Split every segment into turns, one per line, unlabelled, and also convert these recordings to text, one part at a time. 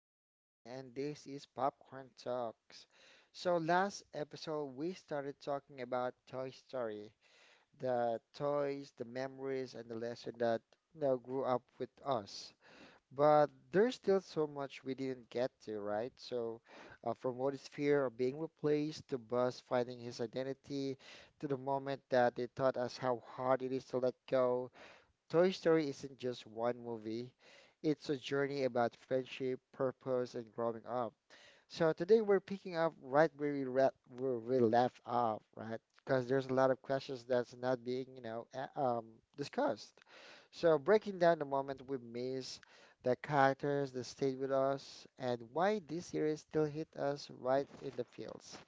John again, and this is Popcorn Talks. So, last episode we started talking about Toy Story, the toys, the memories, and the lesson that grew up with us. But there's still so much we didn't get to, right? From Woody's fear of being replaced to Buzz finding his identity, to the moment that they taught us how hard it is to let go. Toy Story isn't just one movie, it's a journey about friendship, purpose, and growing up. So today we're picking up right where we left off, right? Because there's a lot of questions that's not being discussed. So breaking down the moment we miss, the characters that stayed with us, and why this series still hit us right in the feels.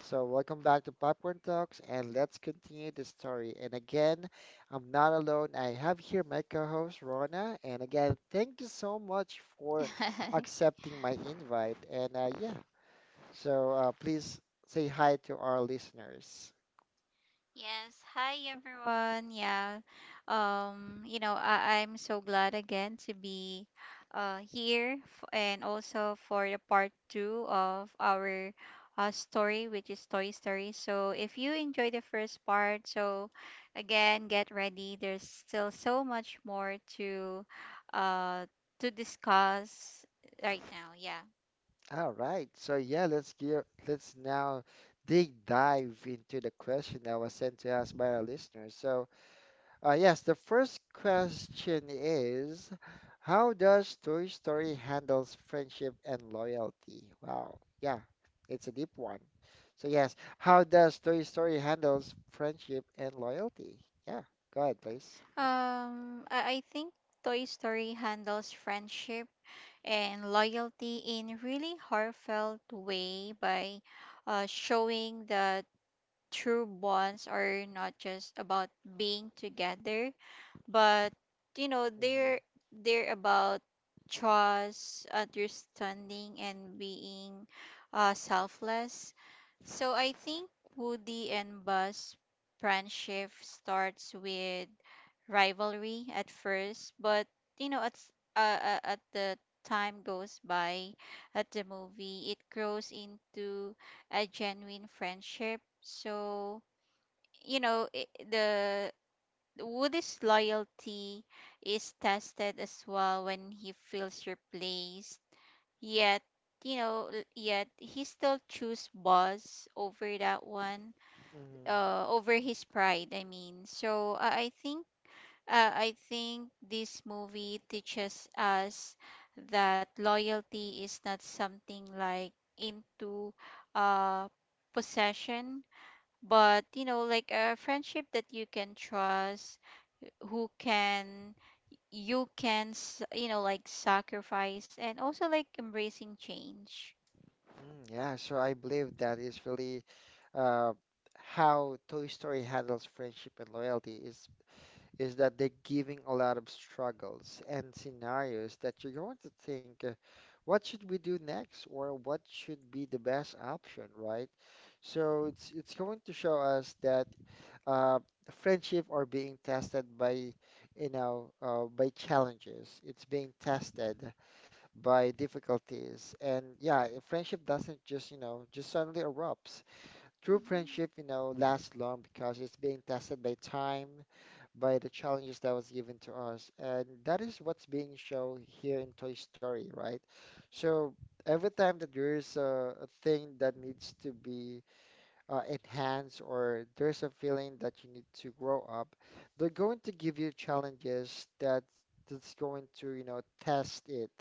So, welcome back to Popcorn Talks, and let's continue the story. And again, I'm not alone. I have here my co-host Rona, and again, thank you so much for accepting my invite. And yeah, so please say hi to our listeners.
Yes. Hi, everyone. Yeah. I'm so glad again to be here and also for the part two of our story, which is Toy Story. So, if you enjoyed the first part, so again, get ready. There's still so much more uh, to discuss right now. Yeah.
All right, so yeah, let's now dig dive into the question that was sent to us by our listeners. Yes, the first question is, how does Toy Story handles friendship and loyalty? Wow, yeah, it's a deep one. So yes, how does Toy Story handles friendship and loyalty? Yeah, go ahead, please.
I think Toy Story handles friendship and loyalty in really heartfelt way by showing that true bonds are not just about being together but you know
Hmm
they're about trust understanding and being selfless. So I think Woody and Buzz friendship starts with rivalry at first, but you know at the time goes by at the movie, it grows into a genuine friendship. So you know i the Woody's loyalty is tested as well when he feels replaced. Yet, yet he still choose Boss over that one,
hmm
over his pride. So I think this movie teaches us that loyalty is not something like into, uh, possession, but you know, like a friendship that you can trust who can you know like sacrifice and also like embracing change.
Mm, yeah, so I believe that is really uh, how Toy Story handles friendship and loyalty is that they're giving a lot of struggles and scenarios that you're going to think, what should we do next, or what should be the best option, right? So it's going to show us that uh, friendship are being tested by, you know, by challenges. It's being tested by difficulties, and yeah, a friendship doesn't just, you know, just suddenly erupts. True
Mm-hmm.
friendship, you know, lasts long because it's being tested by time, by the challenges that was given to us. And that is what's being shown here in Toy Story, right? So every time that there is a thing that needs to be enhanced or there's a feeling that you need to grow up, they're going to give you challenges that that's going to, you know, test it.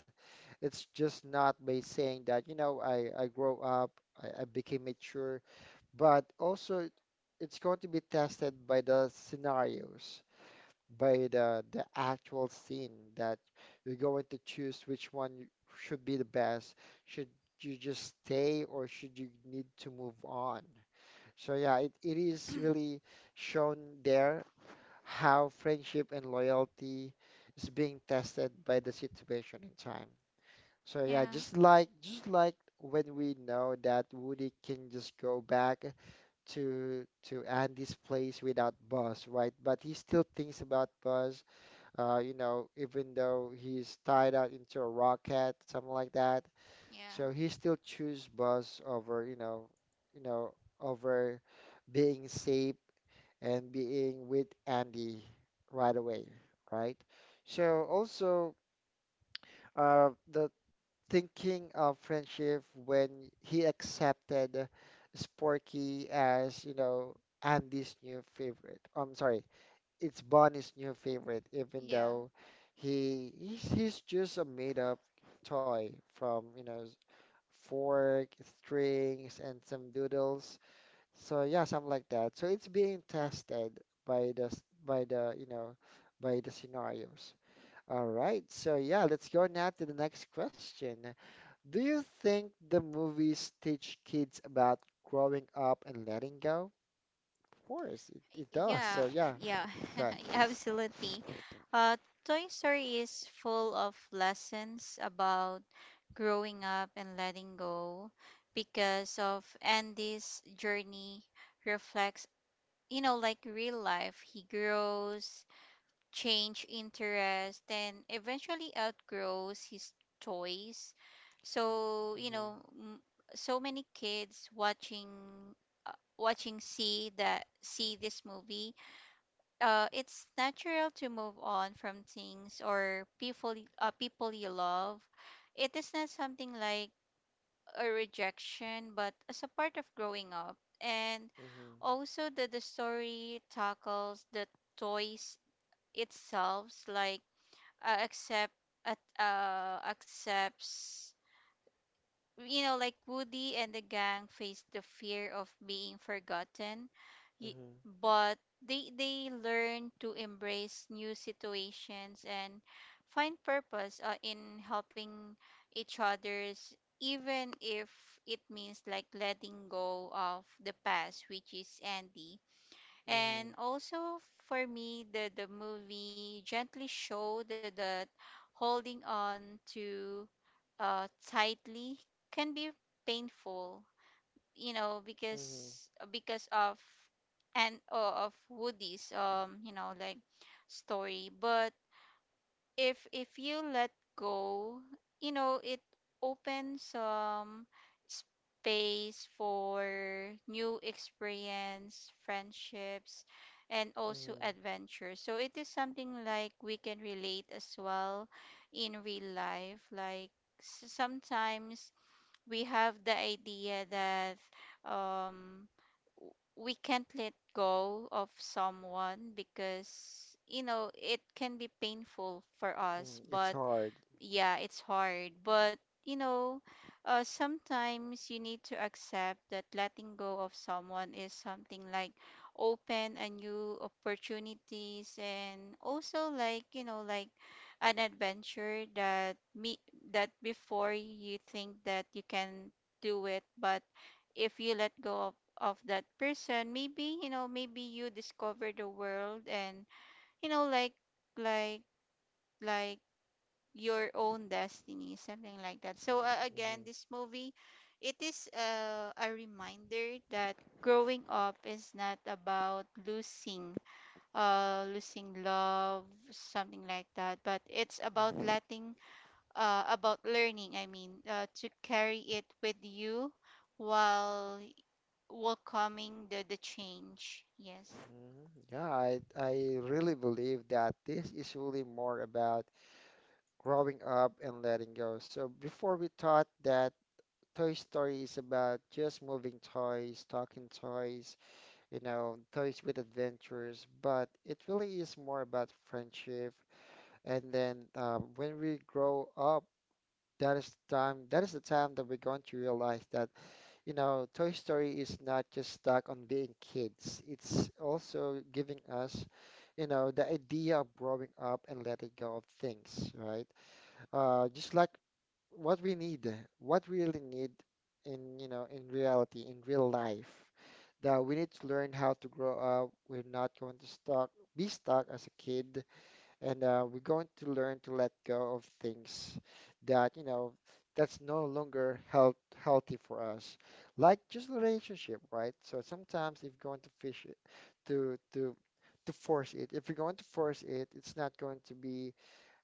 It's just not by saying that, you know, I grow up, I became mature, but also it's going to be tested by the scenarios, by the actual scene that you're going to choose which one should be the best. Should you just stay or should you need to move on? So yeah, it is really shown there how friendship and loyalty is being tested by the situation and time. So yeah,
Yeah,
just like when we know that Woody can just go back to Andy's place without Buzz, right? But he still thinks about Buzz, you know, even though he's tied out into a rocket, something like that.
yeah,
So he still choose Buzz over, you know, over being safe and being with Andy right away, right? So also the thinking of friendship when he accepted Sporky as, you know, Andy's new favorite. I'm sorry, it's Bonnie's new favorite, even
yeah,
though he's just a made-up toy from, you know, fork, strings, and some doodles. So yeah, something like that. So it's being tested by the, you know, by the scenarios. All right. So yeah, let's go now to the next question. Do you think the movies teach kids about growing up and letting go? Of course, it does.
yeah,
So yeah,
yeah,
go ahead, please.
absolutely. Uh toy Story is full of lessons about growing up and letting go because of Andy's journey reflects you know like real life. He grows, change interest, and eventually outgrows his toys. So so many kids watching uh, see that see this movie, it's natural to move on from things or people people you love. It is not something like a rejection but as a part of growing up. And
Mhm.
also that the story tackles the toys itself like uh, accept accepts, you know, like Woody and the gang face the fear of being forgotten, y-
Mhm.
but they learn to embrace new situations and find purpose in helping each others, even if it means like letting go of the past, which is Andy.
Mhm.
And also, for me, the movie gently showed that, that holding on to tightly can be painful, you know,
Mhm.
because of and of Woody's you know like story. But if you let go, you know, it opens some space for new experience, friendships, and also
Mhm.
adventure. So it is something like we can relate as well in real life. Like sometimes we have the idea that um we can't let go of someone because you know it can be painful for us,
Mhm. It's
but
hard.
yeah, it's hard. But you know, sometimes you need to accept that letting go of someone is something like open a new opportunities and also like, you know, like an adventure that me that before you think that you can do it. But if you let go of that person, maybe, you know, maybe you discover the world and, you know, like like your own destiny, something like that. So again,
Mhm.
this movie, it is a reminder that growing up is not about losing, losing love, something like that, but it's about
Mhm.
letting, about learning. To carry it with you while welcoming the change. Yes.
Mhm. Yeah, I really believe that this is really more about growing up and letting go. So before we thought that Toy Story is about just moving toys, talking toys, you know, toys with adventures, but it really is more about friendship. And then when we grow up, that is the time that we're going to realize that you know, Toy Story is not just stuck on being kids. It's also giving us, you know, the idea of growing up and letting go of things, right? Just like what we need, what we really need in, you know, in reality, in real life, that we need to learn how to grow up. We're not going to stuck, be stuck as a kid, and we're going to learn to let go of things that you know that's no longer healthy for us, like just a relationship, right? So sometimes if you're going to fish it to to to force it, if you're going to force it, it's not going to be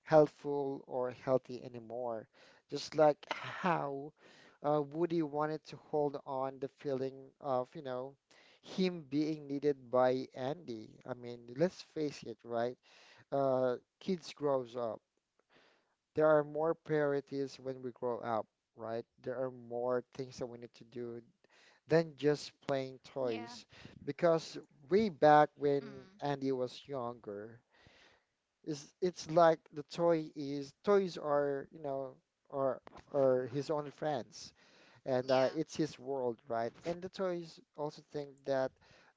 helpful or healthy anymore, just like how Woody wanted to hold on the feeling of you know him being needed by Andy. I mean, let's face it, right? Kids grows up, there are more priorities when we grow up, right? There are more things that we need to do than just
Yeah.
playing toys. Because way back
Mm.
when Andy was younger, is it's like the toy is toys are, you know, are are his only friends, and
Yeah.
it's his world, right? And the toys also think that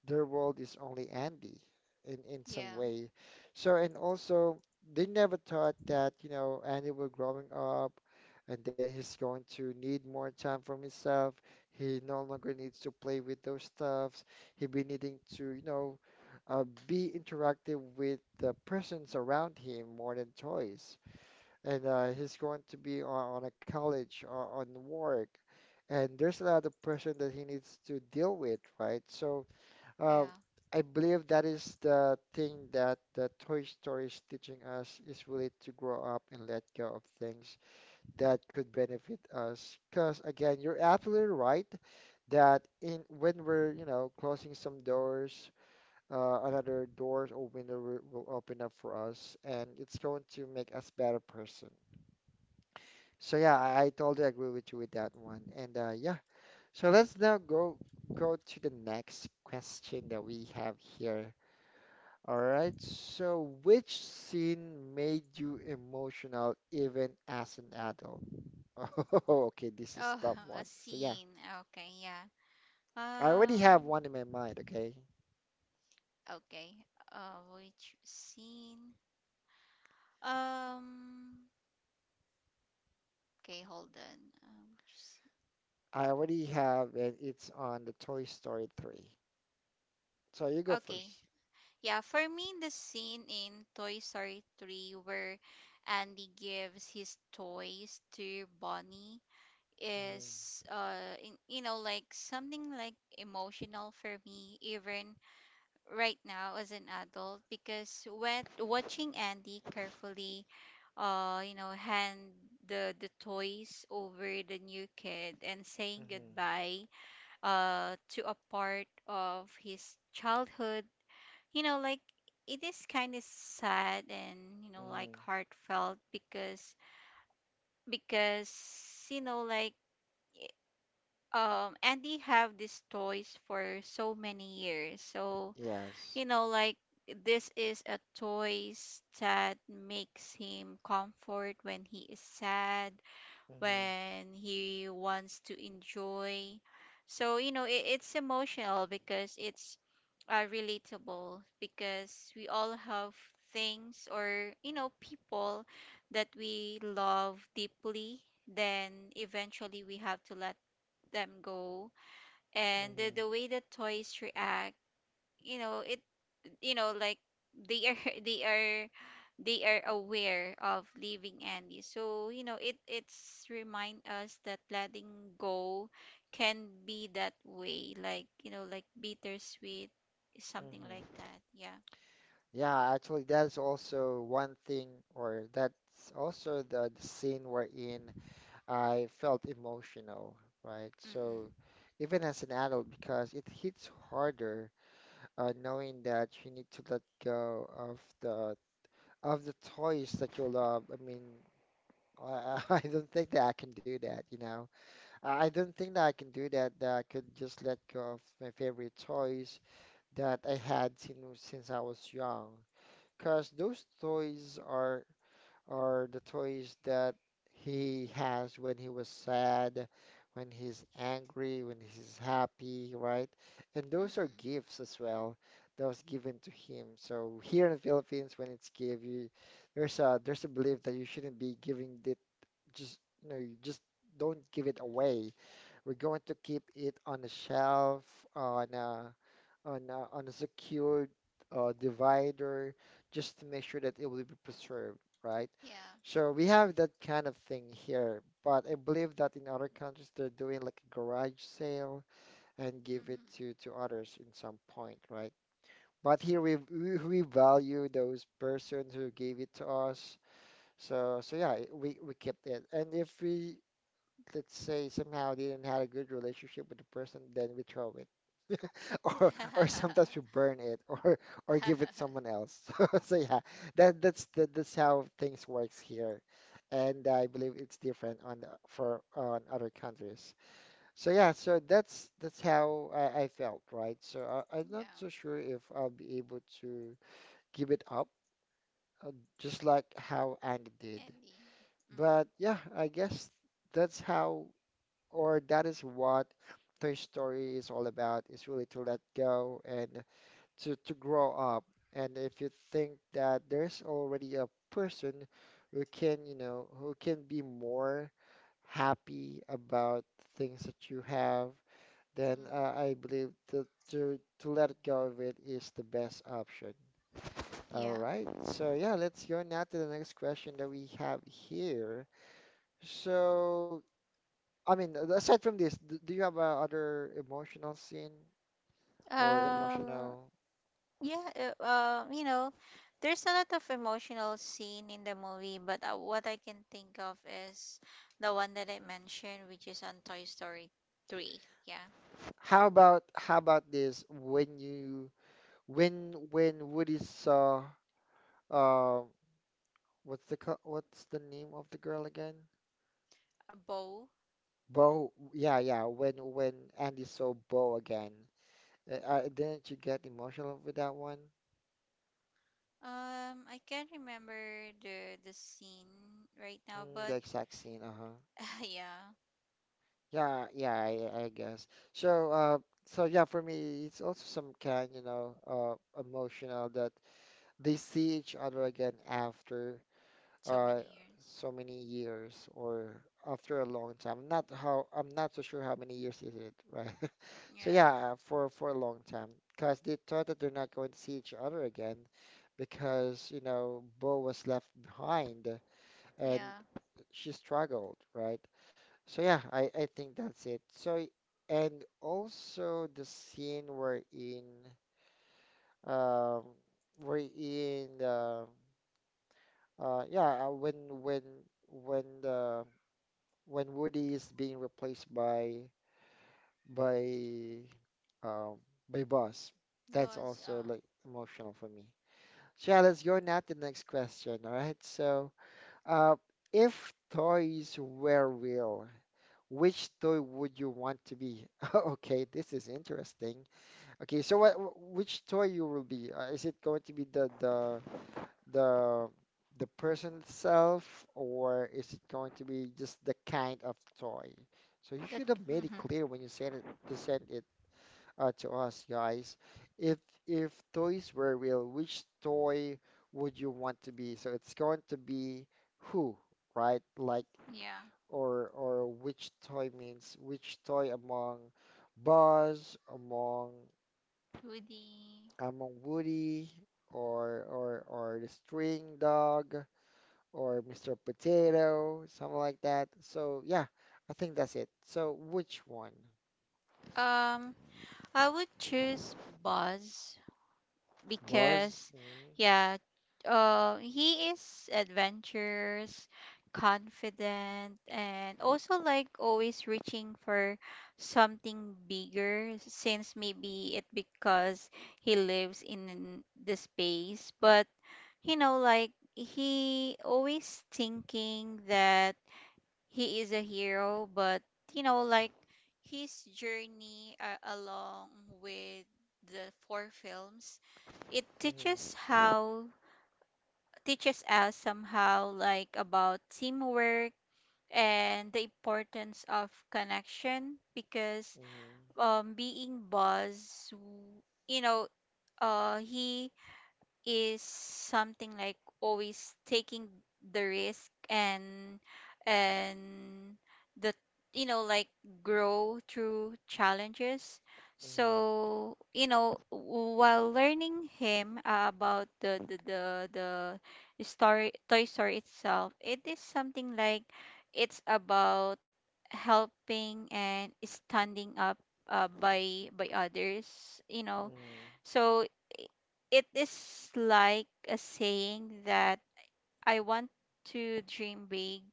their world is only Andy in some
Yeah.
way. So and also they never thought that you know Andy will growing up, and then he's going to need more time from himself. He no longer needs to play with those stuffs. He'll be needing to you know be interactive with the persons around him more than toys, and he's going to be on a college or on work, and there's a lot of pressure that he needs to deal with, right? So uh,
Yeah.
I believe that is the thing that the Toy Story is teaching us, is really to grow up and let go of things that could benefit us. Because again, you're absolutely right that in when we're you know closing some doors, another doors or window will open up for us and it's going to make us better person. So yeah, I totally agree with you with that one. And yeah, so let's now go to the next question that we have here. All right. So which scene made you emotional even as an adult? Oh, okay, this
Oh,
is tough
a
one. So yeah,
scene. Okay. Yeah.
I already
Um,
have one in my mind, okay?
okay. Which scene? Um, okay, hold on. Which scene?
I already have and it's on the Toy Story 3. So you go
Okay.
1st.
Yeah, for me, the scene in Toy Story 3 where Andy gives his toys to Bonnie
Mm-hmm,
is, you know, like something like emotional for me, even right now as an adult. Because when watching Andy carefully, you know, hand the toys over the new kid and saying
mm-hmm,
goodbye, to a part of his childhood, you know, like it is kind of sad and you know
mm-hmm.
like heartfelt. Because because you know like i- Andy have these toys for so many years. So
Yes.
you know, like this is a choice that makes him comfort when he is sad,
Mm-hmm,
when he wants to enjoy. So, you know, it, it's emotional because it's relatable, because we all have things or, you know, people that we love deeply, then eventually we have to let them go. And
mm-hmm,
the way the toys react, you know it, you know like they are they are they are aware of leaving Andy. So, you know, it it's remind us that letting go can be that way, like, you know, like bittersweet, something
mm-hmm.
like that. Yeah.
Yeah, actually, that's also one thing, or that's also the scene wherein I felt emotional, right?
Mm-mm.
So, even as an adult, because it hits harder, knowing that you need to let go of the toys that you love. I mean, I, I don't think that I can do that, you know. I don't think that I can do that, that I could just let go of my favorite toys that I had since I was young. Because those toys are the toys that he has when he was sad, when he's angry, when he's happy, right? And those
Mm-mm.
are gifts as well that was given to him. So here in the Philippines, when it's give you, there's a belief that you shouldn't be giving it just you know you just don't give it away. We're going to keep it on the shelf, on a on on a secured divider just to make sure that it will be preserved, right?
Yeah.
So we have that kind of thing here, but I believe that in other countries they're doing like a garage sale and give it
Mm-hmm.
to others in some point, right? But here we value those persons who gave it to us. So so yeah, we kept it. And if we let's say somehow didn't had a good relationship with the person, then we throw it. Or sometimes we burn it or
yeah.
give it someone else. So, so yeah, that, that's how things works here. And I believe it's different on for on other countries. So yeah, so that's how I felt, right? So I'm not
Yeah.
so sure if I'll be able to give it up, uh, just like how Andy did.
Andy. Mm.
But yeah, I guess that's how or that is what Toy Story is all about, is really to let go and to grow up. And if you think that there's already a person who can, you know, who can be more happy about things that you have, then
Mm-hmm.
I believe to let go of it is the best option. All
Yeah.
right, so yeah, let's go now to the next question that we have here. So, aside from this, do you have other emotional scene or
Um.
emotional?
Yeah, you know, there's a lot of emotional scene in the movie, but what I can think of is the one that I mentioned, which is on Toy Story 3. Yeah,
How about this? When you when Woody saw uh what's the name of the girl again?
a bow.
Bo. Yeah, yeah. When Andy saw Bo again, didn't you get emotional with that one?
I can't remember the scene right now,
Mm, the
but
exact scene. Uh-huh.
yeah,
Yeah, yeah. I guess. So uh, so yeah, for me, it's also some kind, you know, emotional that they see each other again after
so
uh,
many years.
so many years or after a long time. Not how I'm not so sure how many years is it, right? So
Yeah,
yeah, for a long time, because they thought that they're not going to see each other again, because you know Bo was left behind and
yeah.
she struggled, right? So yeah, I think that's it. And also the scene we're in, um, we're in. Yeah, when the when Woody is being replaced by by um Buzz, that's
Buzz,
also like emotional for me. So yeah, let's go now to the next question. All right, so uh, if toys were real, which toy would you want to be? Okay, this is interesting. Okay, so what which toy you will be? Is it going to be the the person itself, or is it going to be just the kind of toy? So you
that,
should have made it
mhm,
clear when you sent it to send it to us, guys. If toys were real, which toy would you want to be? So it's going to be who, right? Like
yeah,
or which toy means which toy among Buzz,
Woody.
among Woody, or the string dog or Mr. Potato, something like that. So yeah, I think that's it. So which one?
Um, I would choose Buzz
Buzz?
because
Mm-hmm,
yeah, he is adventurous, confident, and also like always reaching for something bigger, since maybe it because he lives in the space. But you know like he always thinking that he is a hero. But you know, like his journey along with the four films, it
mm-hmm,
teaches how teaches us somehow like about teamwork and the importance of connection. Because being Buzz, you know, he is something like always taking the risk and the you know like grow through challenges.
mm-hmm,
So you know while learning him about the story toy story itself, it is something like it's about helping and standing up by others you know. So it is like a saying that I want to dream big,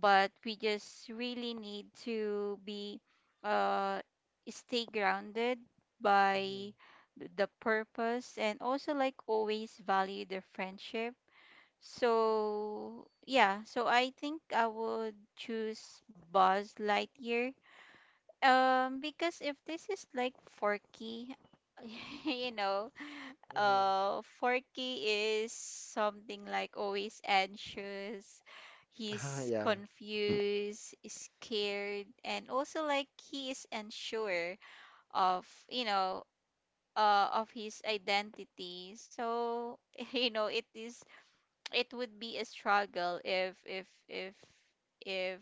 but we just really need to be uh stay grounded by
mm-hmm,
the purpose and also like always value the friendship. So yeah, so I think I would choose Buzz Lightyear. Because if this is like Forky, you know,
mm-hmm, mm-hmm.
Forky is something like always anxious.
Ah,
He's
yeah.
confused, scared, and also like he is unsure of, you know, of his identity. So, you know, it is it would be a struggle if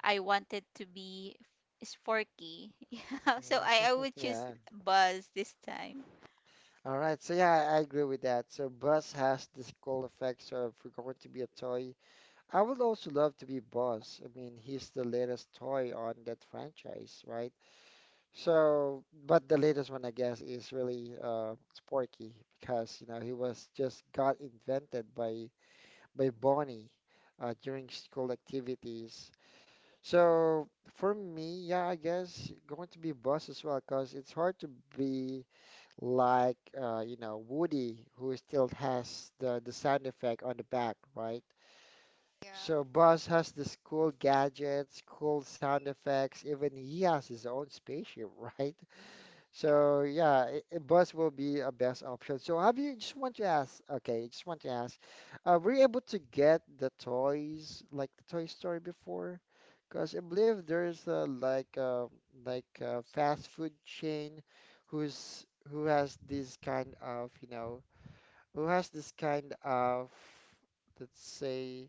I wanted to be sporky. Yeah, so
Mhm.
I would choose
Yeah.
Buzz this time.
All right. So yeah, I agree with that. So Buzz has this cool effect. So if we're going to be a toy, I would also love to be Buzz. I mean, he's the latest toy on that franchise, right? So, but the latest one, I guess, is really Sporky because you know he was just got invented by Bonnie during school activities. So for me, yeah, I guess going to be Buzz as well because it's hard to be like you know Woody who still has the sound effect on the back, right?
Yeah,
So Buzz has the cool gadgets, cool sound effects. Even he has his own spaceship, right?
yeah,
So yeah, bus will be a best option. So have you just want to ask? Okay, just want to ask. Were you able to get the toys like the Toy Story before? Because I believe there's a like a fast food chain who's who has this kind of you know who has this kind of let's say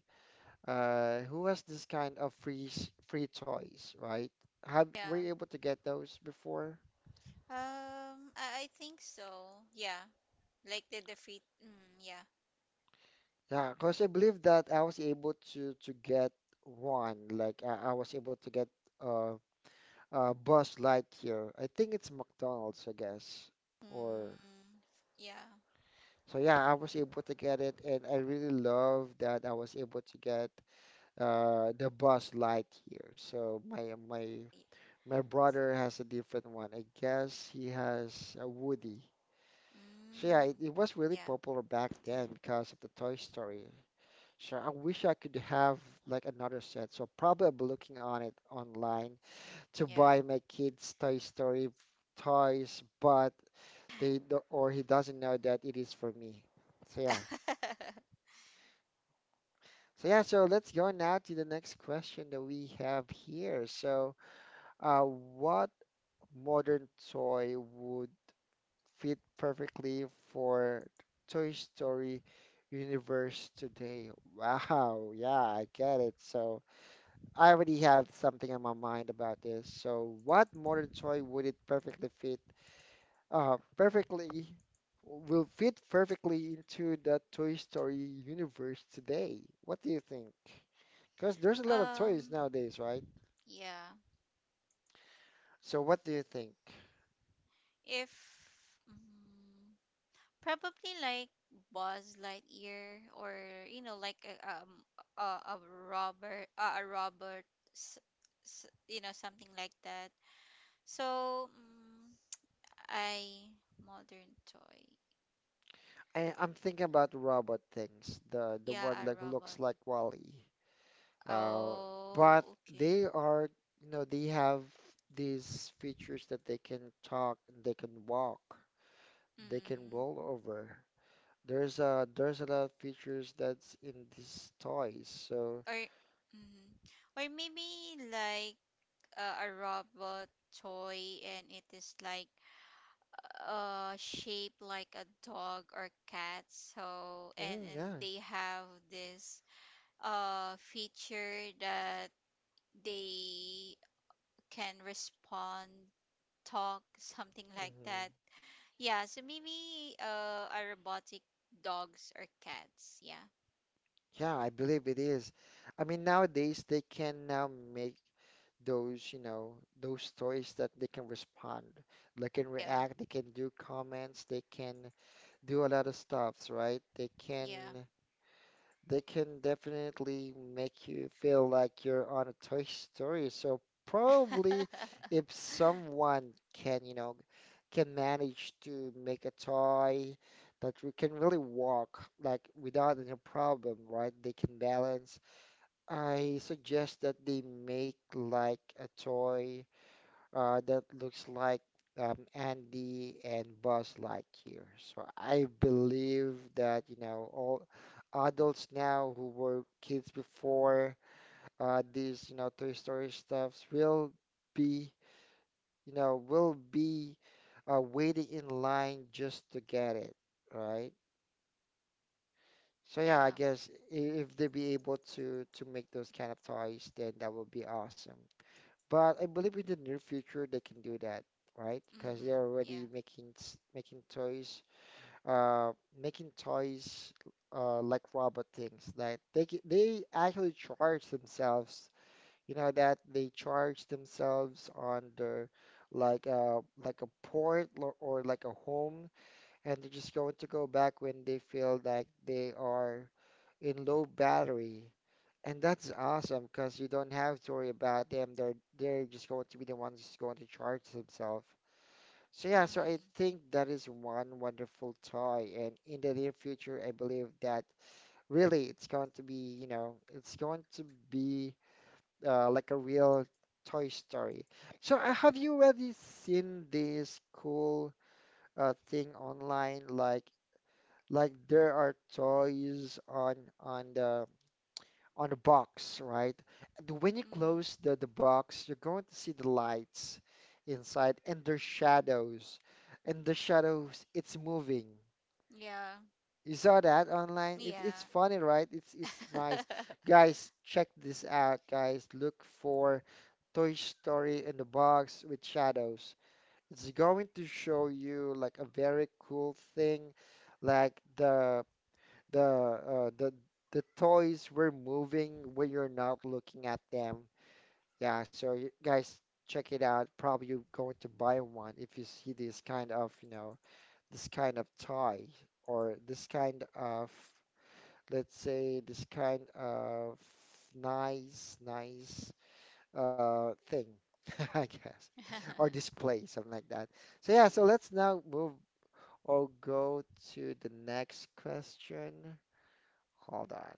who has this kind of free toys, right? Have were
yeah.
you able to get those before?
I think so. Yeah, like the free. Mm, yeah.
Yeah, because I believe that I was able to get one. Like I was able to get uh Buzz Lightyear. I think it's McDonald's, I guess. Or
Mm, yeah.
so yeah, I was able to get it, and I really love that I was able to get the Buzz Lightyear. So my
y-
my brother has a different one. I guess he has a Woody. So yeah,
Mm,
it was really
yeah.
popular back then because of the Toy Story. Sure. I wish I could have like another set. So probably I'll be looking on it online to
Yeah.
buy my kids Toy Story toys, but they do or he doesn't know that it is for me. So yeah. So yeah, so let's go now to the next question that we have here. So, what modern toy would fit perfectly for Toy Story universe today? Wow, yeah, I get it. So, I already have something in my mind about this. So, what modern toy would it perfectly fit? Perfectly will fit perfectly into the Toy Story universe today. What do you think? Because there's a lot of
um.
toys nowadays, right?
Yeah.
So, what do you think?
If. Mm, probably like Buzz Lightyear or you know like um a, a a Robert s- you know something like that. So mm, I modern toy.
I'm thinking about robot things, the
Yeah,
one
a
like looks
robot.
like Wally. Uh, but
Oh, okay.
they are, you know, they have these features that they can talk and they can walk. They can
Mm.
roll over. There's a lot of features that's in these toys. So
Or mm. Or maybe like a robot toy, and it is like shape like a dog or cat. So
mm,
and
yeah,
they have this feature that they can respond, talk, something like
hmm
that. Yeah. So maybe a robotic dogs or cats. Yeah,
yeah, I believe it is. I mean nowadays they can now make those you know those toys that they can respond, they can
yeah,
react, they can do comments, they can do a lot of stuffs, right?
yeah.
They can definitely make you feel like you're on a Toy Story. So probably if someone can, you know, can manage to make a toy that we can really walk like without any problem, right? They can balance. I suggest that they make like a toy that looks like Andy and Buzz Lightyear. So I believe that, you know, all adults now who were kids before these, you know, Toy Story stuffs will be, you know, will be waiting in line just to get it, right? So yeah, I
yeah.
guess if they be able to make those kind of toys, then that would be awesome. But I believe in the near future they can do that, right? Because
Mm-hmm,
they're
yeah.
already making uh, making toys like robot things. Like they they actually charge themselves. You know that they charge themselves on their like a port or like a home, and they're just going to go back when they feel like they are in low battery. And that's awesome because you don't have to worry about them. They're just going to be the ones who's going to charge themselves. So yeah, so I
Mm-hmm.
think that is one wonderful toy, and in the near future, I believe that really it's going to be, you know, it's going to be like a real Toy Story. So have you already seen this cool thing online? Like there are toys on the on a box, right? And when you
Mm-hmm.
close the box, you're going to see the lights inside and their shadows. And the shadows, it's moving.
Yeah,
You saw that online? It's funny, right? It's nice. Guys, check this out, guys. Look for Toy Story in the box with shadows. It's going to show you like a very cool thing, like the the toys were moving when you're not looking at them. Yeah, so you guys check it out. Probably you're going to buy one if you see this kind of, you know, this kind of toy or this kind of, let's say, this kind of nice, nice thing, I guess, or
yeah.
display, something like that. So yeah, so let's now move or go to the next question. Hold on.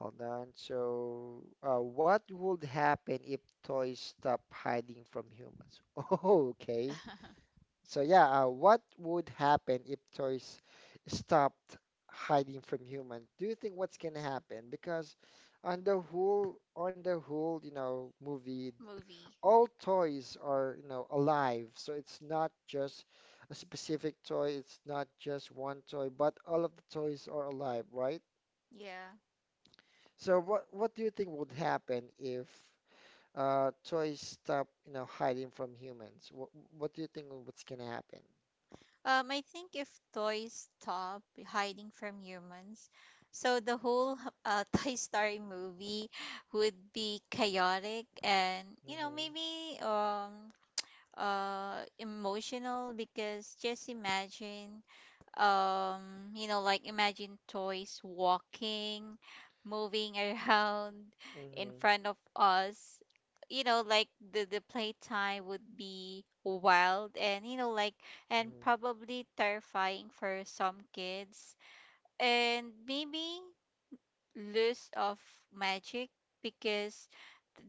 Hold on. So, what would happen if toys stop hiding from humans? Oh, okay. So yeah, what would happen if toys stopped hiding from humans? Do you think what's gonna happen? Because on the whole, you know, movie,
movie.
all toys are, you know, alive. So it's not just a specific toy. It's not just one toy, but all of the toys are alive, right?
Yeah.
So what do you think would happen if toys stop, you know, hiding from humans? What do you think what's gonna happen?
I think if toys stop hiding from humans, so the whole Toy Story movie would be chaotic. And you know
Mm-hmm.
maybe emotional, because just imagine um you know like imagine toys walking, moving around in
Mm-hmm.
front of us. You know like the playtime would be wild, and you know like and
Mm-hmm.
probably terrifying for some kids, and maybe lose of magic. Because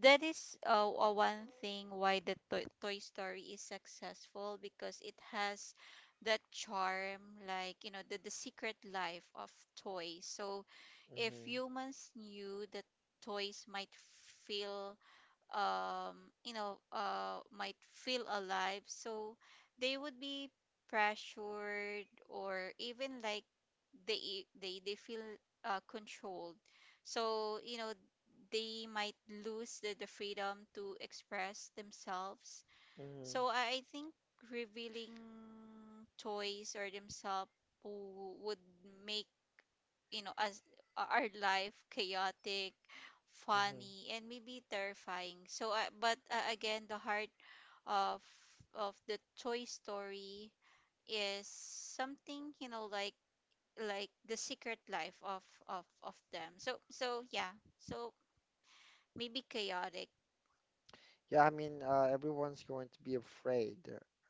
that is one thing why the Toy Story is successful, because it has that charm, like you know the secret life of toys. So if
Mm-hmm.
humans knew that toys might feel you know, might feel alive. So they would be pressured, or even like they feel controlled. So you know they might lose the freedom to express themselves.
Mm-hmm.
So I think revealing toys or themselves would make you know as our life chaotic,
Mm-hmm.
funny, and maybe terrifying. So but again, the heart of the toy story is something you know like the secret life of them. So so yeah, so maybe chaotic.
Yeah, I mean, everyone's going to be afraid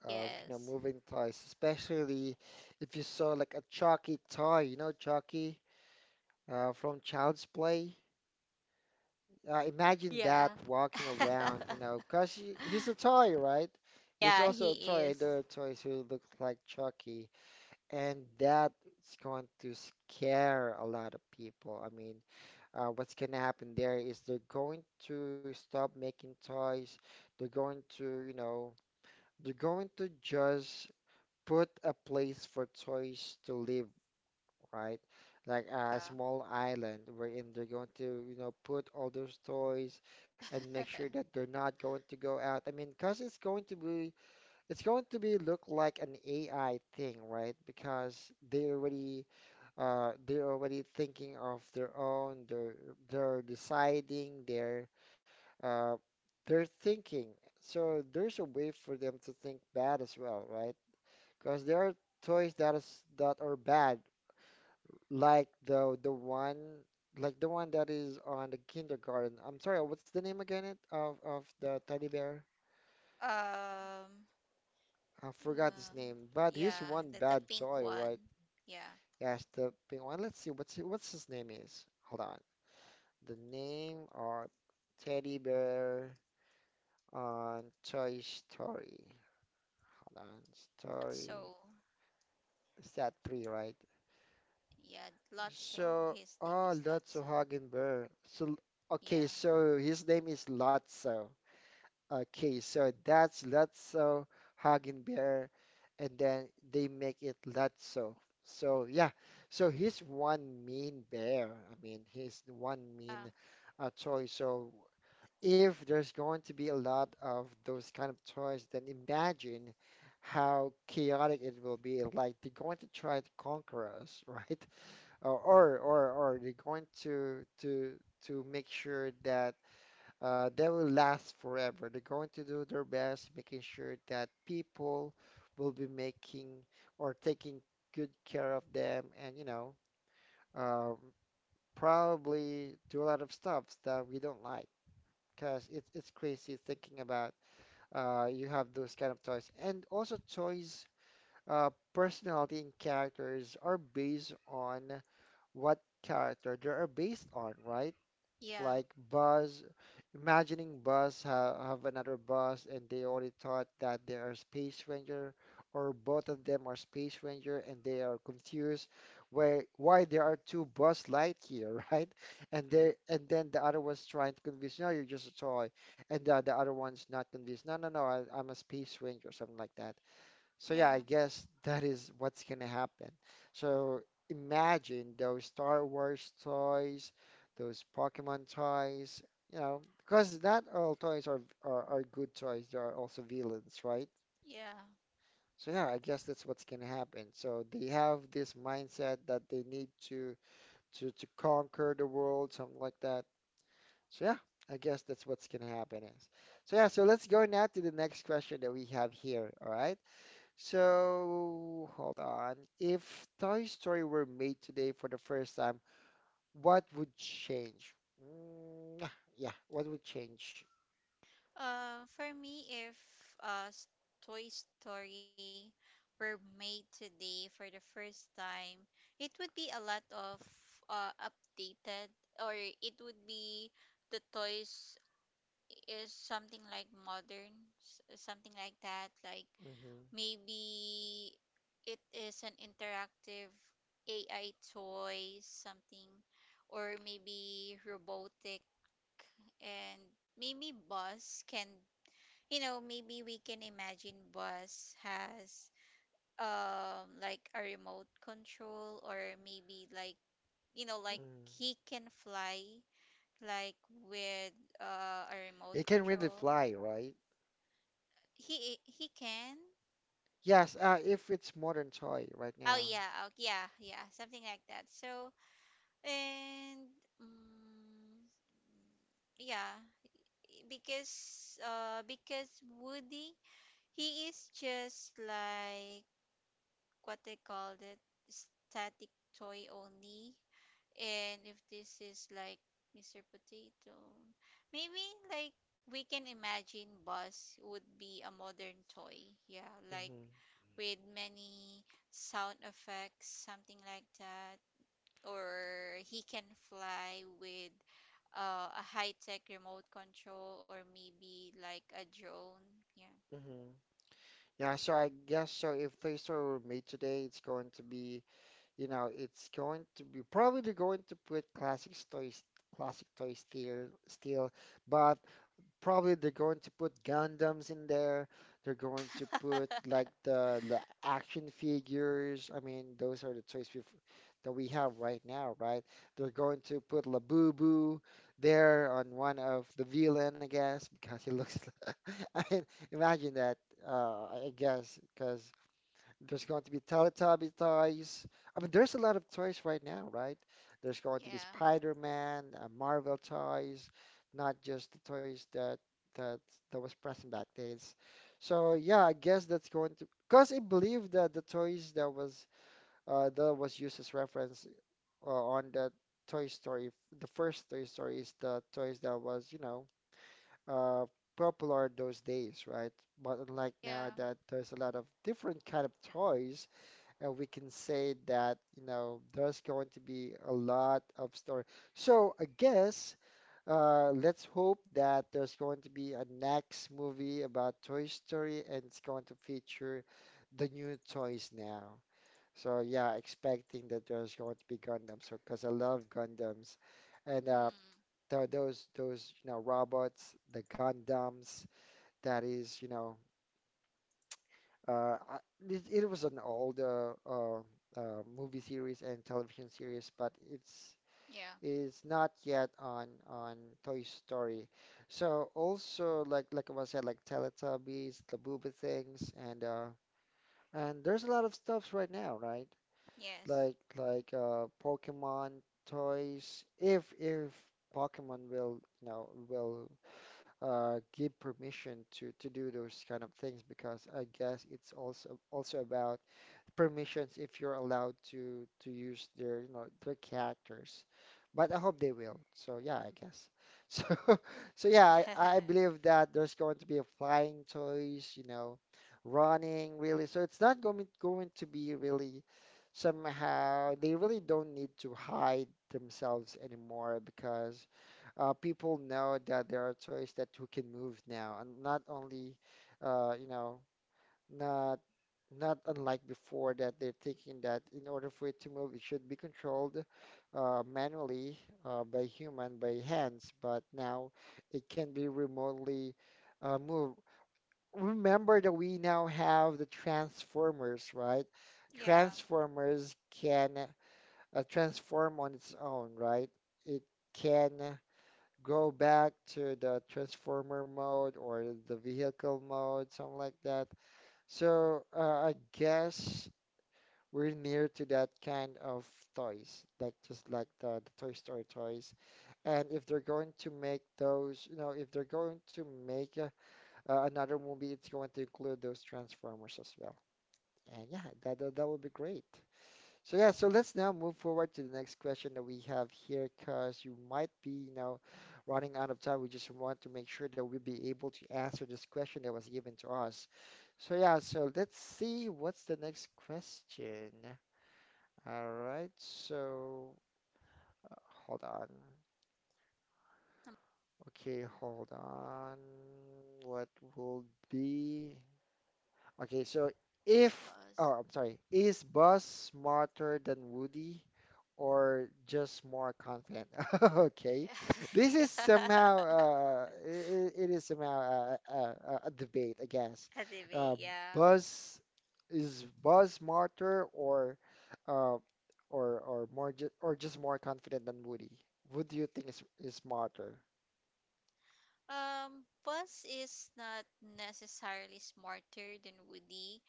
of, you know,
Yes.
moving toys, especially if you saw like a Chucky toy, you know, Chucky from Child's Play. Imagine
Yeah.
that walking around, you know, 'cause he's a toy, right? He's
yeah,
also a
he
toy.
is.
There are toys who look like Chucky, and that's going to scare a lot of people. I mean, what's gonna happen there is they're going to stop making toys. They're going to, you know, they're going to just put a place for toys to live right? Like a
Yeah.
small island wherein they're going to, you know, put all those toys and make sure that they're not going to go out. I mean, because it's going to be it's going to be look like an AI thing, right? Because they already they're already thinking of their own, they're deciding, uh they're thinking. So there's a way for them to think bad as well, right? Because there are toys that is that are bad like the one like the one that is on the kindergarten. I'm sorry, what's the name again it of the teddy bear?
um.
I forgot
Uh,
his name, but he's
yeah,
one
the
bad
pink
toy,
one.
right?
Yeah,
Yes, the pink one. Let's see what's his name is. Hold on. The name of teddy bear on Toy Story. Hold on.
Lotso.
Story. Is that three, right?
Yeah, Lotso. His name is Lotso.
Lotso Hagenbear. So,
Yeah.
okay, so his name is Lotso. Okay, so that's Lotso, Hug and Bear, and then they make it Lotso. So yeah, so he's one mean bear. I mean, he's the one
Uh,
mean toy. So if there's going to be a lot of those kind of toys, then imagine how chaotic it will be. Like they're going to try to conquer us, right? Or they're going to to make sure that that will last forever. They're going to do their best, making sure that people will be making or taking good care of them, and um, probably do a lot of stuff that we don't like. Because it's crazy thinking about you have those kind of toys, and also toys personality and characters are based on what character they are based on, right?
yeah.
Like Buzz, imagining Buzz ha have another Buzz and they already thought that they are Space Ranger or both of them are Space Ranger and they are confused why there are two Buzz Lightyear, right? And then the other one's trying to convince, no, you're just a toy. And the other one's not convinced, no, no, no, I'm a Space Ranger, something like that. So yeah, I
Yeah.
guess that is what's gonna happen. So imagine those Star Wars toys, those Pokemon toys, you know, because not all toys are are good toys. There are also villains, right?
Yeah.
So yeah, I guess that's what's gonna happen. So they have this mindset that they need to to conquer the world, something like that. So yeah, I guess that's what's gonna happen is. So yeah, so let's go now to the next question that we have here. All right. So, hold on. If Toy Story were made today for the first time, what would change? Mm, yeah, what would change?
For me, if uh, s- Toy Story were made today for the first time, it would be a lot of updated, or it would be the toys is something like modern, something like that, like.
Mm-hmm.
Maybe it is an interactive AI toy, something, or maybe robotic. And maybe Buzz can, you know, maybe we can imagine Buzz has like a remote control, or maybe like, you know, like
Mm.
he can fly like with a remote
It can really
control.
fly, right?
He can.
Yes, if it's modern toy right
Oh
now.
yeah, oh, yeah, yeah, something like that. So, And mm, yeah, because Woody, he is just like, what they call it, static toy only. And if this is like Mr. Potato, maybe, like, we can imagine Buzz would be a modern toy. Yeah, like
Mm-hmm.
with many sound effects, something like that, or he can fly with a high-tech remote control or maybe like a drone.
Mm-hmm. Yeah, so I guess so if Toy Story were made today, it's going to be, you know, it's going to be probably they're going to put classic toys still, but probably they're going to put Gundams in there. They're going to
Yeah.
put like the action figures. I mean, those are the toys we that we have right now, right? They're going to put Labubu there on one of the villain, I guess, because he looks. I mean, imagine that. I guess because there's going to be Teletubby toys. I mean, there's a lot of toys right now, right? There's going to be
Yeah.
Spider-Man, Marvel toys, not just the toys that that was present back days. So yeah, I guess that's going to because I believe that the toys that was used as reference on the Toy Story, the first Toy Story is the toys that was, you know, uh, popular those days, right? But unlike
Yeah.
now that there's a lot of different kind of toys we can say that, you know, there's going to be a lot of story. So I guess let's hope that there's going to be a next movie about Toy Story and it's going to feature the new toys now. So yeah, expecting that there's going to be Gundams, so because I love Gundams, and
Mm.
th those you know robots, the Gundams, that is you know uh, I, it was an old movie series and television series, but it's
Yeah.
is not yet on Toy Story. So also like I said, like Teletubbies, the Booby Things, and there's a lot of stuffs right now, right?
Yes.
Like Pokemon toys. If Pokemon will you know will give permission to do those kind of things because I guess it's also about permissions if you're allowed to use their you know their characters but I hope they will so yeah I guess so so yeah I believe that there's going to be a flying toys you know running really so it's not going to be really somehow they really don't need to hide themselves anymore because people know that there are toys that who can move now and not only uh, you know not not unlike before that they're thinking that in order for it to move, it should be controlled manually by human, by hands, but now it can be remotely moved. Remember that we now have the transformers, right?
Yeah.
Transformers can transform on its own, right? It can go back to the transformer mode or the vehicle mode, something like that. So I guess we're near to that kind of toys, like just like the Toy Story toys. And if they're going to make those, you know, if they're going to make another movie, it's going to include those Transformers as well. And yeah, that would be great. So yeah, so let's now move forward to the next question that we have here, because you might be, you know, running out of time. We just want to make sure that we will be able to answer this question that was given to us. So yeah, so let's see what's the next question. All right, so hold on. Okay, hold on. What will be? Okay, so
It's
if,
Buzz.
oh, I'm sorry, is Buzz smarter than Woody or just more confident? Okay, this is
Yeah.
somehow, it is somehow a debate, I guess.
A debate.
Uh,
Yeah.
Buzz, is Buzz smarter or, uh, more, ju or just more confident than Woody? Who do you think is smarter?
Um, Buzz is not necessarily smarter than Woody.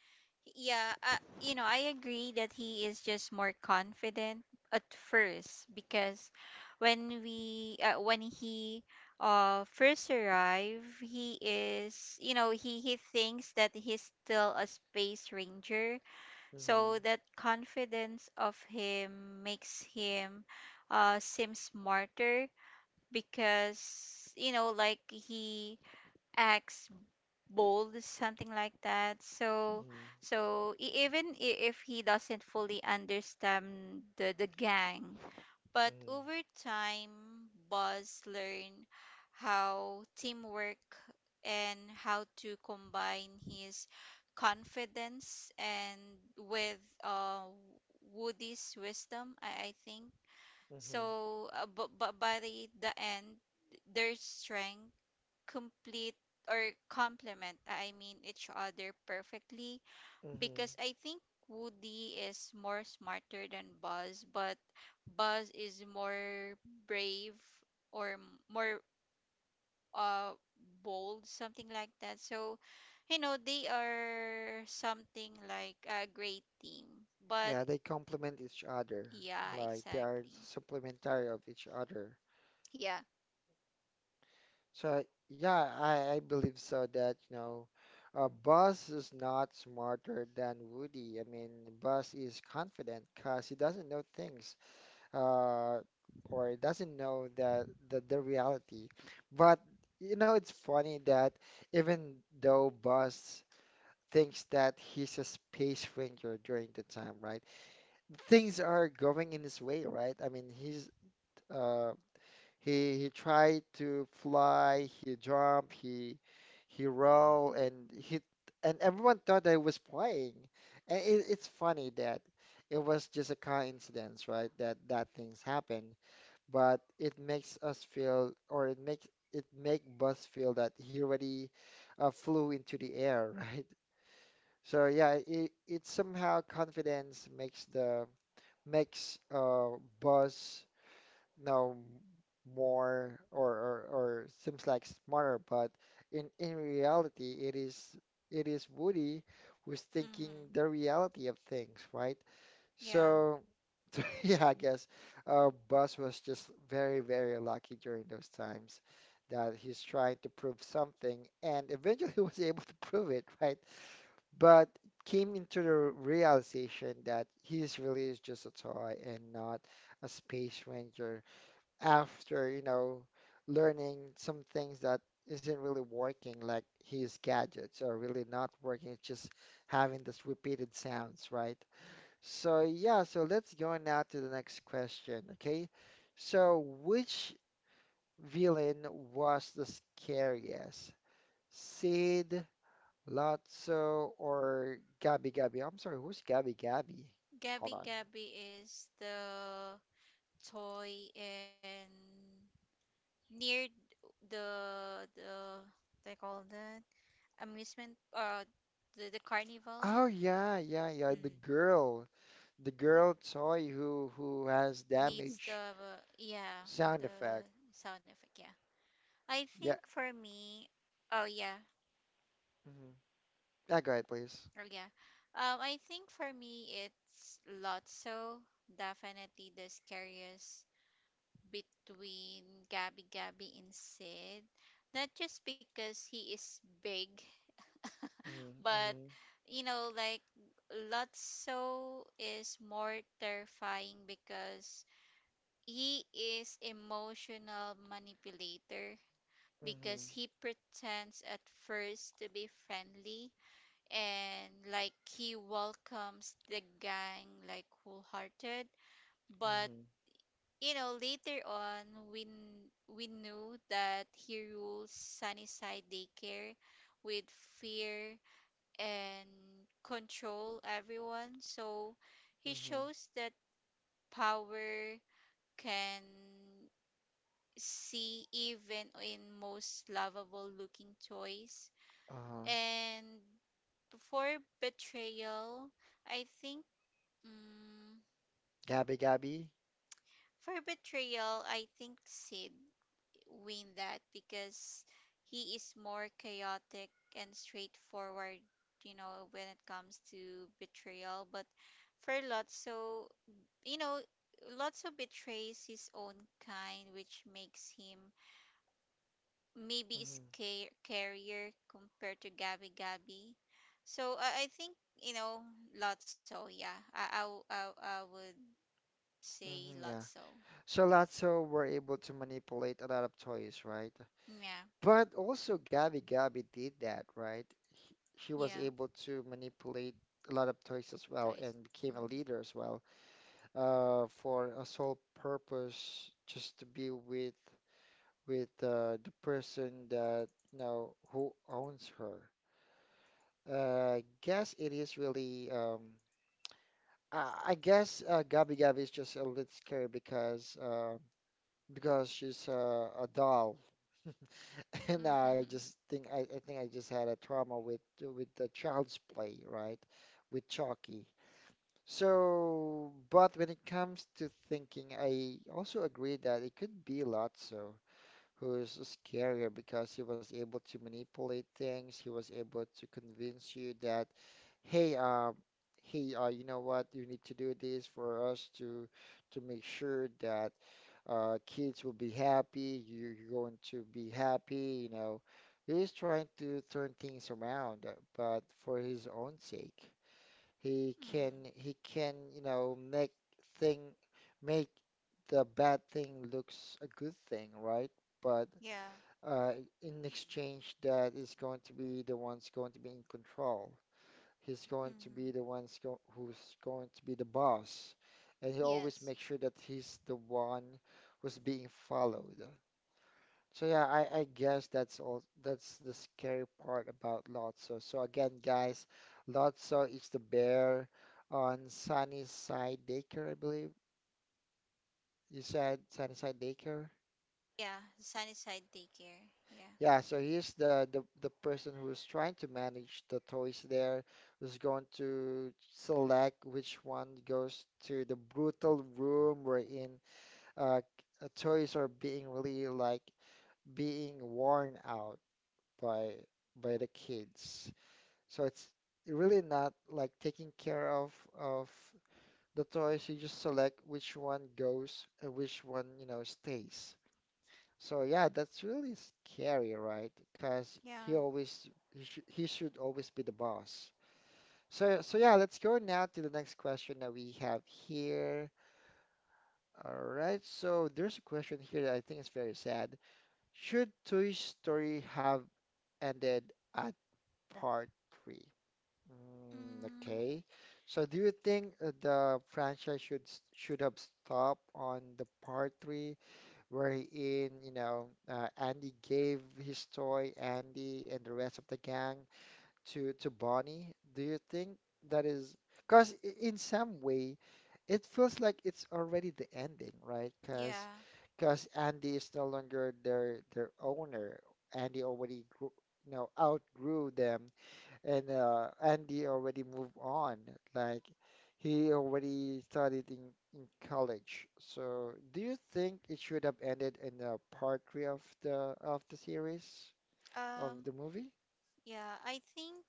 Yeah, you know, I agree that he is just more confident at first because when he first arrive, he is, you know, he thinks that he's still a space ranger.
Mm-hmm,
So that confidence of him makes him seem smarter because, you know, like he acts bold, something like that. So,
mm-hmm,
so if he doesn't fully understand the gang, but
mm-hmm,
over time Buzz learn how teamwork and how to combine his confidence and with uh Woody's wisdom, I think
mm-hmm,
so. But by the end, their strength complete or complement, I mean, each other perfectly.
mm-hmm.
Because I think Woody is more smarter than Buzz, but Buzz is more brave or more uh bold, something like that. So, you know, they are something like a great team. But
Yeah, they complement each other.
yeah,
Like they are
exactly.
supplementary of each other.
Yeah.
So yeah, I believe so that, you know, Buzz is not smarter than Woody. I mean, Buzz is confident because he doesn't know things, uh, or he doesn't know the reality. But you know, it's funny that even though Buzz thinks that he's a space ranger during the time, right? Things are going in his way, right? I mean, he's uh, he tried to fly, he jumped, he rolled, and he and everyone thought that he was playing. And it's funny that it was just a coincidence, right? That things happen, but it makes us feel, or it makes it make Buzz feel that he already flew into the air, right? So yeah, it somehow confidence makes the makes bus now more or seems like smarter, but in reality it is Woody who's
Mm-hmm.
thinking the reality of things, right?
Yeah.
So yeah, I guess Buzz was just very, very lucky during those times that he's trying to prove something and eventually was able to prove it, right? But came into the realization that his really is just a toy and not a space ranger after, you know, learning some things that isn't really working, like his gadgets are really not working. It's just having this repeated sounds, right? So yeah, so let's go now to the next question, okay? So which villain was the scariest? Sid, Lotso or Gabby Gabby? I'm sorry, who's Gabby Gabby? Hold
Gabby
on.
Gabby is the toy and near the they call that amusement, the carnival.
Oh yeah, yeah, yeah.
Mm,
The girl toy who has
needs
damage
the, yeah,
sound
the
effect.
sound effect, yeah. I think
Yeah.
for me, oh yeah,
Hmm. Yeah, go ahead, please.
oh yeah, I think for me it's Lotso, definitely the scariest between Gabby Gabby and Sid. Not just because he is big,
Mhm,
but,
mhm,
you know, like Lotso is more terrifying because he is emotional manipulator, because
mhm,
he pretends at first to be friendly and like he welcomes the gang like wholehearted, but,
mhm,
you know, later on, we, knew that he rules Sunnyside Daycare with fear and control everyone. So he
mhm.
shows that power can see even in most lovable looking toys.
Uh,
And for betrayal, I think. Mm,
Gabi Gabi.
for betrayal, I think Sid win that because he is more chaotic and straightforward, you know, when it comes to betrayal. But for Lotso, you know, Lotso betrays his own kind, which makes him maybe a
Mhm,
carrier compared to Gabi Gabi. So I think, you know, Lotso, yeah. I would say
mhm. Yeah.
Lotso.
So Lotso were able to manipulate a lot of toys, right?
Yeah,
But also Gabi Gabi did that, right? He, she was
yeah,
able to manipulate a lot of toys as well
toys.
and became a
Mm.
leader as well, for a sole purpose, just to be with the person that you know who owns her. Guess it is really. I guess Gabi Gabi is just a little scary because she's a doll. And I just think I think I just had a trauma with the child's play, right? With Chucky. So, but when it comes to thinking, I also agree that it could be lots. So, who is scarier because he was able to manipulate things. He was able to convince you that, hey, you know what? You need to do this for us to make sure that kids will be happy. You're going to be happy. You know, he's trying to turn things around, but for his own sake. He can
Hmm.
he can, you know, make thing make the bad thing looks a good thing, right? But
Yeah.
uh, in exchange that is going to be the one's going to be in control. He's going to
Mm-hmm.
be the one's go who's going to be the boss, and he always
Yes.
makes sure that he's the one who's being followed. So yeah, I guess that's all. That's the scary part about Lotso. So again, guys, Lotso is the bear on Sunnyside Daycare, I believe. You said Sunnyside Daycare?
Yeah. Sunny side daycare. Yeah.
Yeah, so he's the person who's trying to manage the toys there, who's going to select which one goes to the brutal room wherein uh, toys are being really like being worn out by by the kids. So it's really not like taking care of the toys. You just select which one goes and which one, you know, stays. So yeah, that's really scary, right? Because
Yeah.
he should always be the boss. So yeah, let's go now to the next question that we have here. All right, so there's a question here that I think is very sad. Should Toy Story have ended at part three? Mm,
Mm,
okay. So do you think the franchise should should have stopped on the part three? Wherein, you know, Andy gave his toy, Andy and the rest of the gang to Bonnie. Do you think that is, because in some way, it feels like it's already the ending, right?
yeah.
Because Andy is no longer their owner. Andy already grew, you know, outgrew them, and Andy already moved on. Like he already studied in college. So do you think it should have ended in part three of the series of the
Um,
movie?
yeah. I think,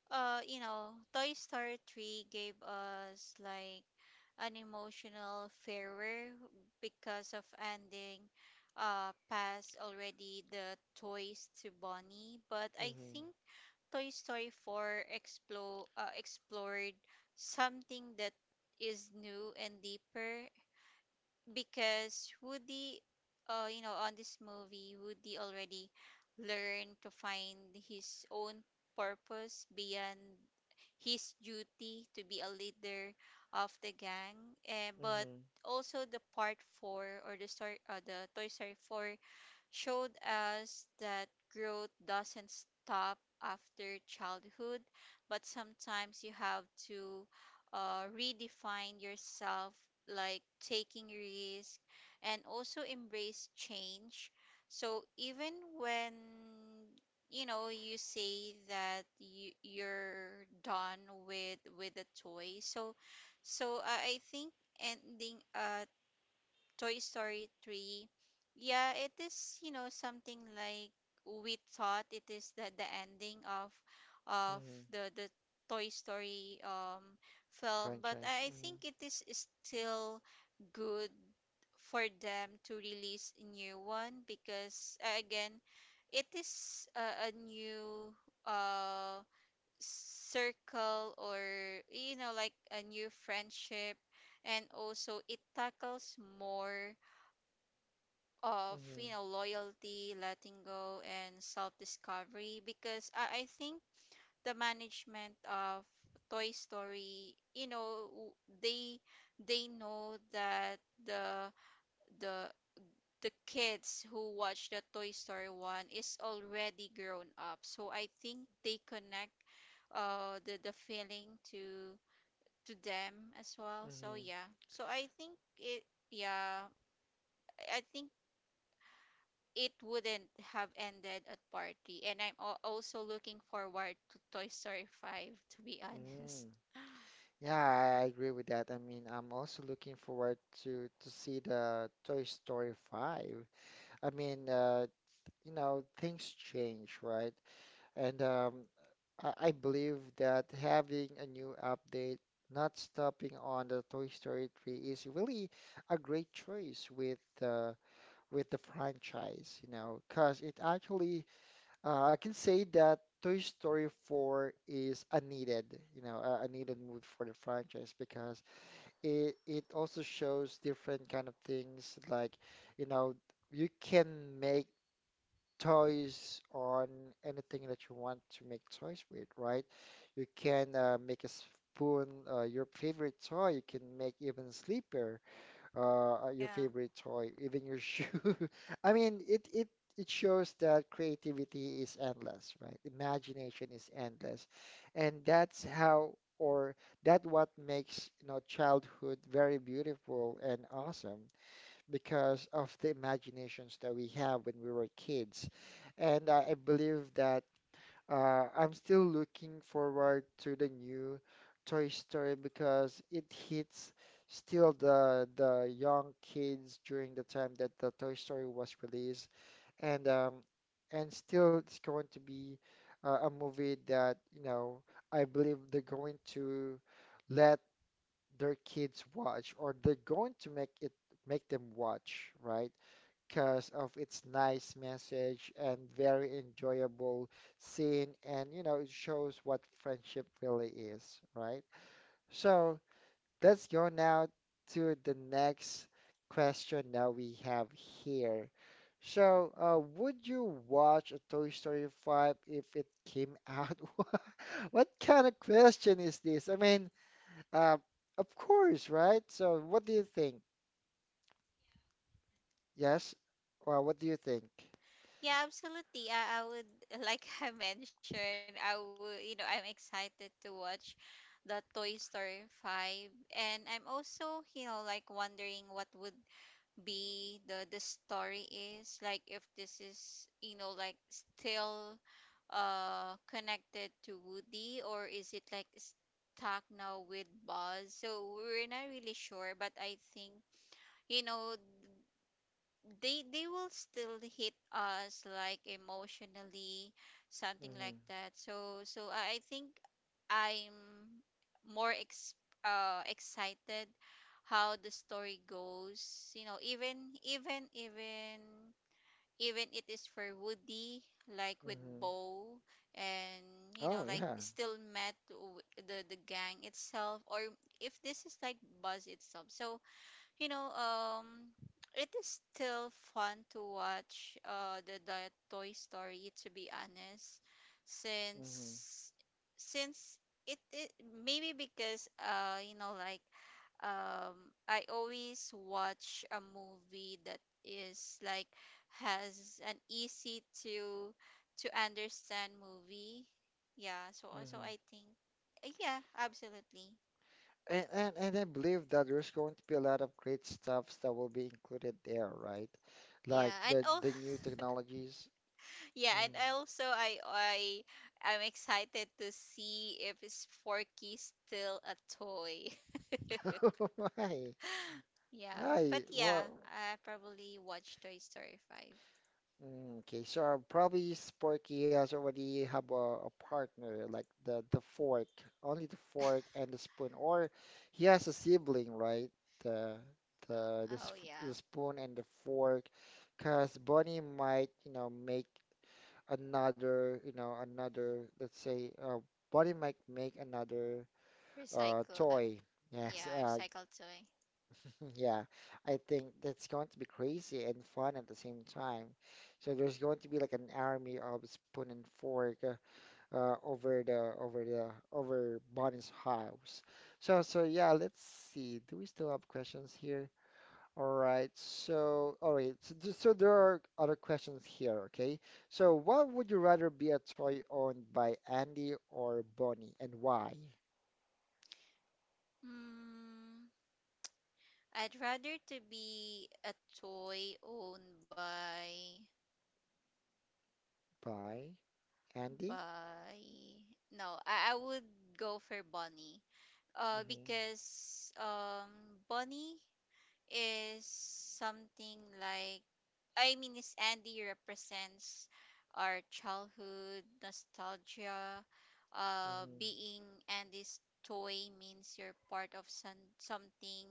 you know, Toy Story 3 gave us like an emotional farewell because of ending past already the toys to Bonnie. But I
Mm-hmm.
think Toy Story 4 explored something that is new and deeper because Woody, you know, on this movie, Woody already learned to find his own purpose beyond his duty to be a leader of the gang. But
Mm-hmm.
also the part 4 or the story, the Toy Story 4 showed us that growth doesn't stop after childhood, but sometimes you have to redefine yourself, like taking risk and also embrace change. So even when, you know, you say that you're done with the toy. So so I think ending a Toy Story 3. Yeah, it is, you know, something like we thought it is the ending of
Mm-hmm.
the Toy Story film, but
Franchise.
I
Mhm.
think it is still good for them to release a new one because, again, it is a new uh circle or, you know, like a new friendship, and also it tackles more of,
Mm-hmm.
you know, loyalty, letting go and self-discovery, because I think the management of Toy Story, you know, they know that the the the kids who watch the Toy Story one is already grown up, so I think they connect the feeling to them as well. So
Mm-hmm.
yeah, so I think it, yeah, I think it wouldn't have ended at party. And I'm also looking forward to Toy Story 5, to be honest.
Mm. Yeah, I agree with that. I mean, I'm also looking forward to see the Toy Story 5. I mean, you know, things change, right? And I believe that having a new update, not stopping on the Toy Story 3 is really a great choice with the franchise, you know, because it actually I can say that Toy Story 4 is a needed, you know, a needed movie for the franchise because it also shows different kind of things like, you know, you can make toys on anything that you want to make toys with, right? You can make a spoon, your favorite toy. You can make even sleeper, your
Yeah.
favorite toy, even your shoe. I mean, it shows that creativity is endless, right? Imagination is endless, and that's how or that what makes you know childhood very beautiful and awesome because of the imaginations that we have when we were kids. And I believe that I'm still looking forward to the new Toy Story because it hits still the young kids during the time that the Toy Story was released, and and still it's going to be a movie that you know I believe they're going to let their kids watch or they're going to make it make them watch, right? Because of its nice message and very enjoyable scene. And, you know, it shows what friendship really is, right? So let's go now to the next question that we have here. So, would you watch a Toy Story 5 if it came out? What kind of question is this? I mean, uh, of course, right? So, what do you think? Yes? Well, what do you think?
Yeah, absolutely. I would, like, I mentioned, I would, you know, I'm excited to watch the Toy Story 5. And I'm also, you know, like, wondering what would be the story is like, if this is, you know, like still connected to Woody, or is it like stuck now with Buzz. So we're not really sure, but I think, you know, they will still hit us like emotionally, something
Mm-hmm.
like that. So so I think I'm more excited how the story goes, you know, even it is for Woody, like with
Mm-hmm.
Bo, and, you know,
Oh
like
yeah.
still met the gang itself, or if this is like Buzz itself. So, you know, it is still fun to watch the Toy Story, to be honest,
Hmm.
since since it, it maybe because, you know, like, I always watch a movie that is like has an easy to understand movie. Yeah, so also
Hmm.
I think, yeah, absolutely.
And I believe that there's going to be a lot of great stuffs that will be included there, right?
Yeah,
Like
and oh
the new technologies.
yeah,
Mm.
and I also I I'm excited to see if is Forky still a toy.
Why?
Yeah, but
Why?
yeah,
Well,
I probably watch Toy Story 5.
mm, okay. So probably Sporky has already have a partner, like the fork, only the fork and the spoon, or he has a sibling, right? The the,
Oh
sp
yeah,
the spoon and the fork, because Bonnie might, you know, make. Another, you know, another, let's say, Bonnie might make another
recycle.
toy. Yes,
Yeah, recycle toy.
yeah, I think that's going to be crazy and fun at the same time. So there's going to be like an army of spoon and fork over the over the over Bonnie's house. So yeah, let's see. Do we still have questions here? All right. So, all right. So there are other questions here. Okay. So, what would you rather be a toy owned by Andy or Bonnie, and why?
Hmm. I'd rather to be a toy owned by
By Andy?
by no, I would go for Bonnie.
Mm-hmm.
Because Bonnie is something like, I mean, is Andy represents our childhood nostalgia.
Mm-hmm.
Being Andy's toy means you're part of some something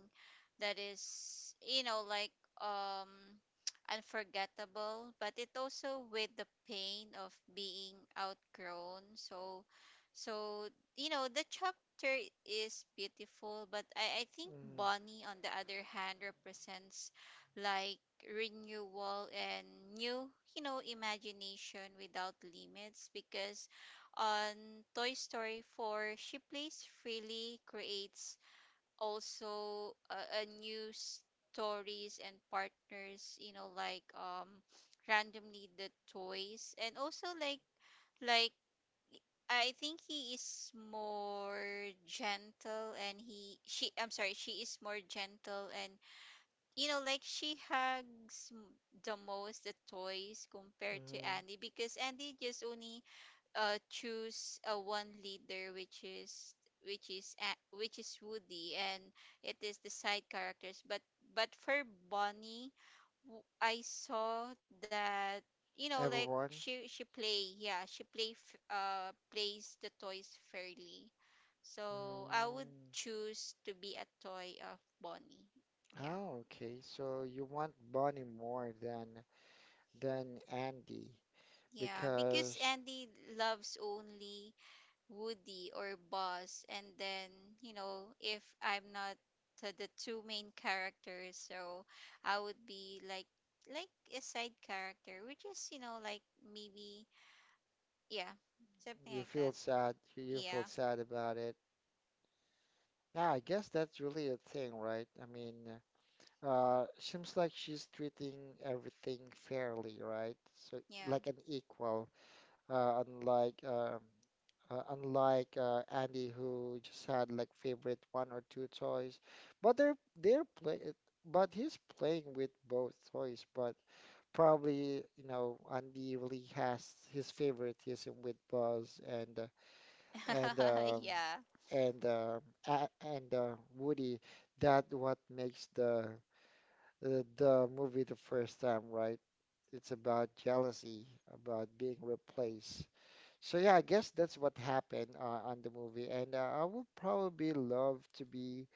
that is, you know, like um unforgettable, but it also with the pain of being outgrown. So so, you know, the chap Winter is beautiful, but I think
Mm-hmm.
Bonnie, on the other hand, represents like renewal and new, you know, imagination without limits. Because on Toy Story 4, she plays freely, creates also a new stories and partners, you know, like randomly the toys and also like I think he is more gentle and he she, I'm sorry, she is more gentle and, you know, like she hugs the most the toys compared to
Mm-hmm.
Andy, because Andy just only choose one leader, which is which is which is Woody, and it is the side characters. But for Bonnie, I saw that, you know, like
Everyone?
she play, plays the toys fairly. So I would
Mm.
choose to be a toy of Bonnie. Yeah.
Oh, okay. So you want Bonnie more than Andy
Yeah, because
because
Andy loves only Woody or Buzz, and then, you know, if I'm not the two main characters, so I would be like a side character, which is, you know, like maybe, yeah, something
you
like that.
feel sad. You feel
Yeah,
sad about it. Yeah, I guess that's really a thing, right? I mean. Seems like she's treating everything fairly, right? So
yeah.
like an equal, uh, unlike um unlike Andy who just had like favorite one or two toys, but they're play but he's playing with both toys. But probably you know Andy really has his favoritism with Buzz and um
Yeah.
and a and Woody. That what makes the movie the first time, right? It's about jealousy, about being replaced. So yeah, I guess that's what happened on the movie, and I would probably love to be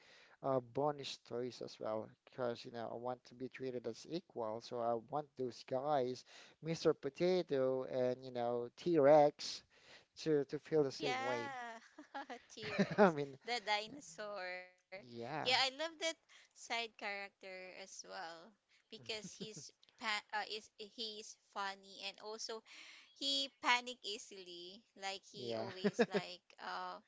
bonus toys as well, because you know I want to be treated as equal. So I want those guys, Mr. Potato and you know T-Rex, to feel the same way.
Yeah.
I
T-Rex,
mean,
the dinosaur. Yeah, I
yeah,
love that side character as well, because he's pa- is he's funny, and also he panic easily. Like he
yeah.
always like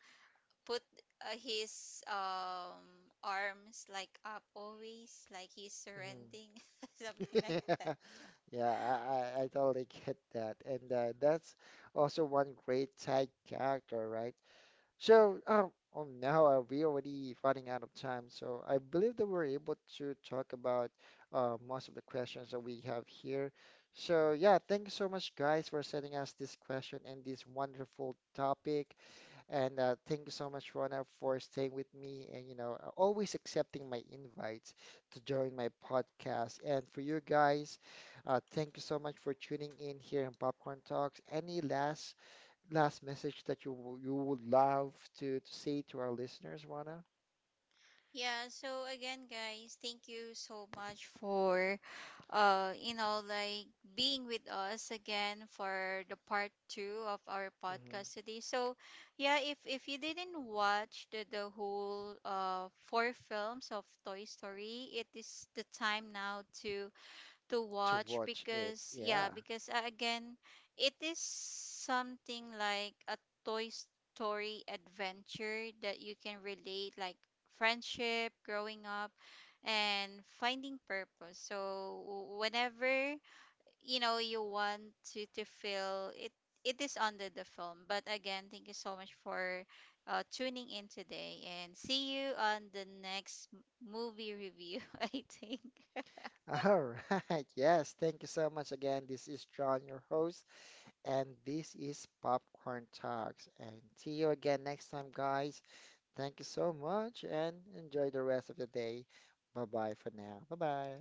put his arms like up always, like he's
Mhm.
surrendering, something like that.
Yeah, I totally get that. And that's also one great side character, right? So, oh, oh no, we already running out of time. So I believe that we're able to talk about most of the questions that we have here. So yeah, thank you so much, guys, for sending us this question and this wonderful topic. And thank you so much, Rona, for staying with me and, you know, always accepting my invites to join my podcast. And for you guys, thank you so much for tuning in here in Popcorn Talks. Any last last message that you you would love to say to our listeners, Rona?
Yeah, so again, guys, thank you so much for, you know, like being with us again for the part 2 of our
Hmm.
podcast today. So, yeah, if you didn't watch the whole 4 films of Toy Story, it is the time now to
To
watch,
watch it.
because yeah,
Yeah.
because, again, it is something like a toy story adventure that you can relate, like friendship, growing up, and finding purpose. So whenever, you know, you want to feel it, it is under the film. But again, thank you so much for tuning in today, and see you on the next movie review. I think
All right. Yes. Thank you so much again. This is John, your host, and this is Popcorn Talks. And see you again next time, guys. Thank you so much and enjoy the rest of the day. Bye bye for now. Bye bye.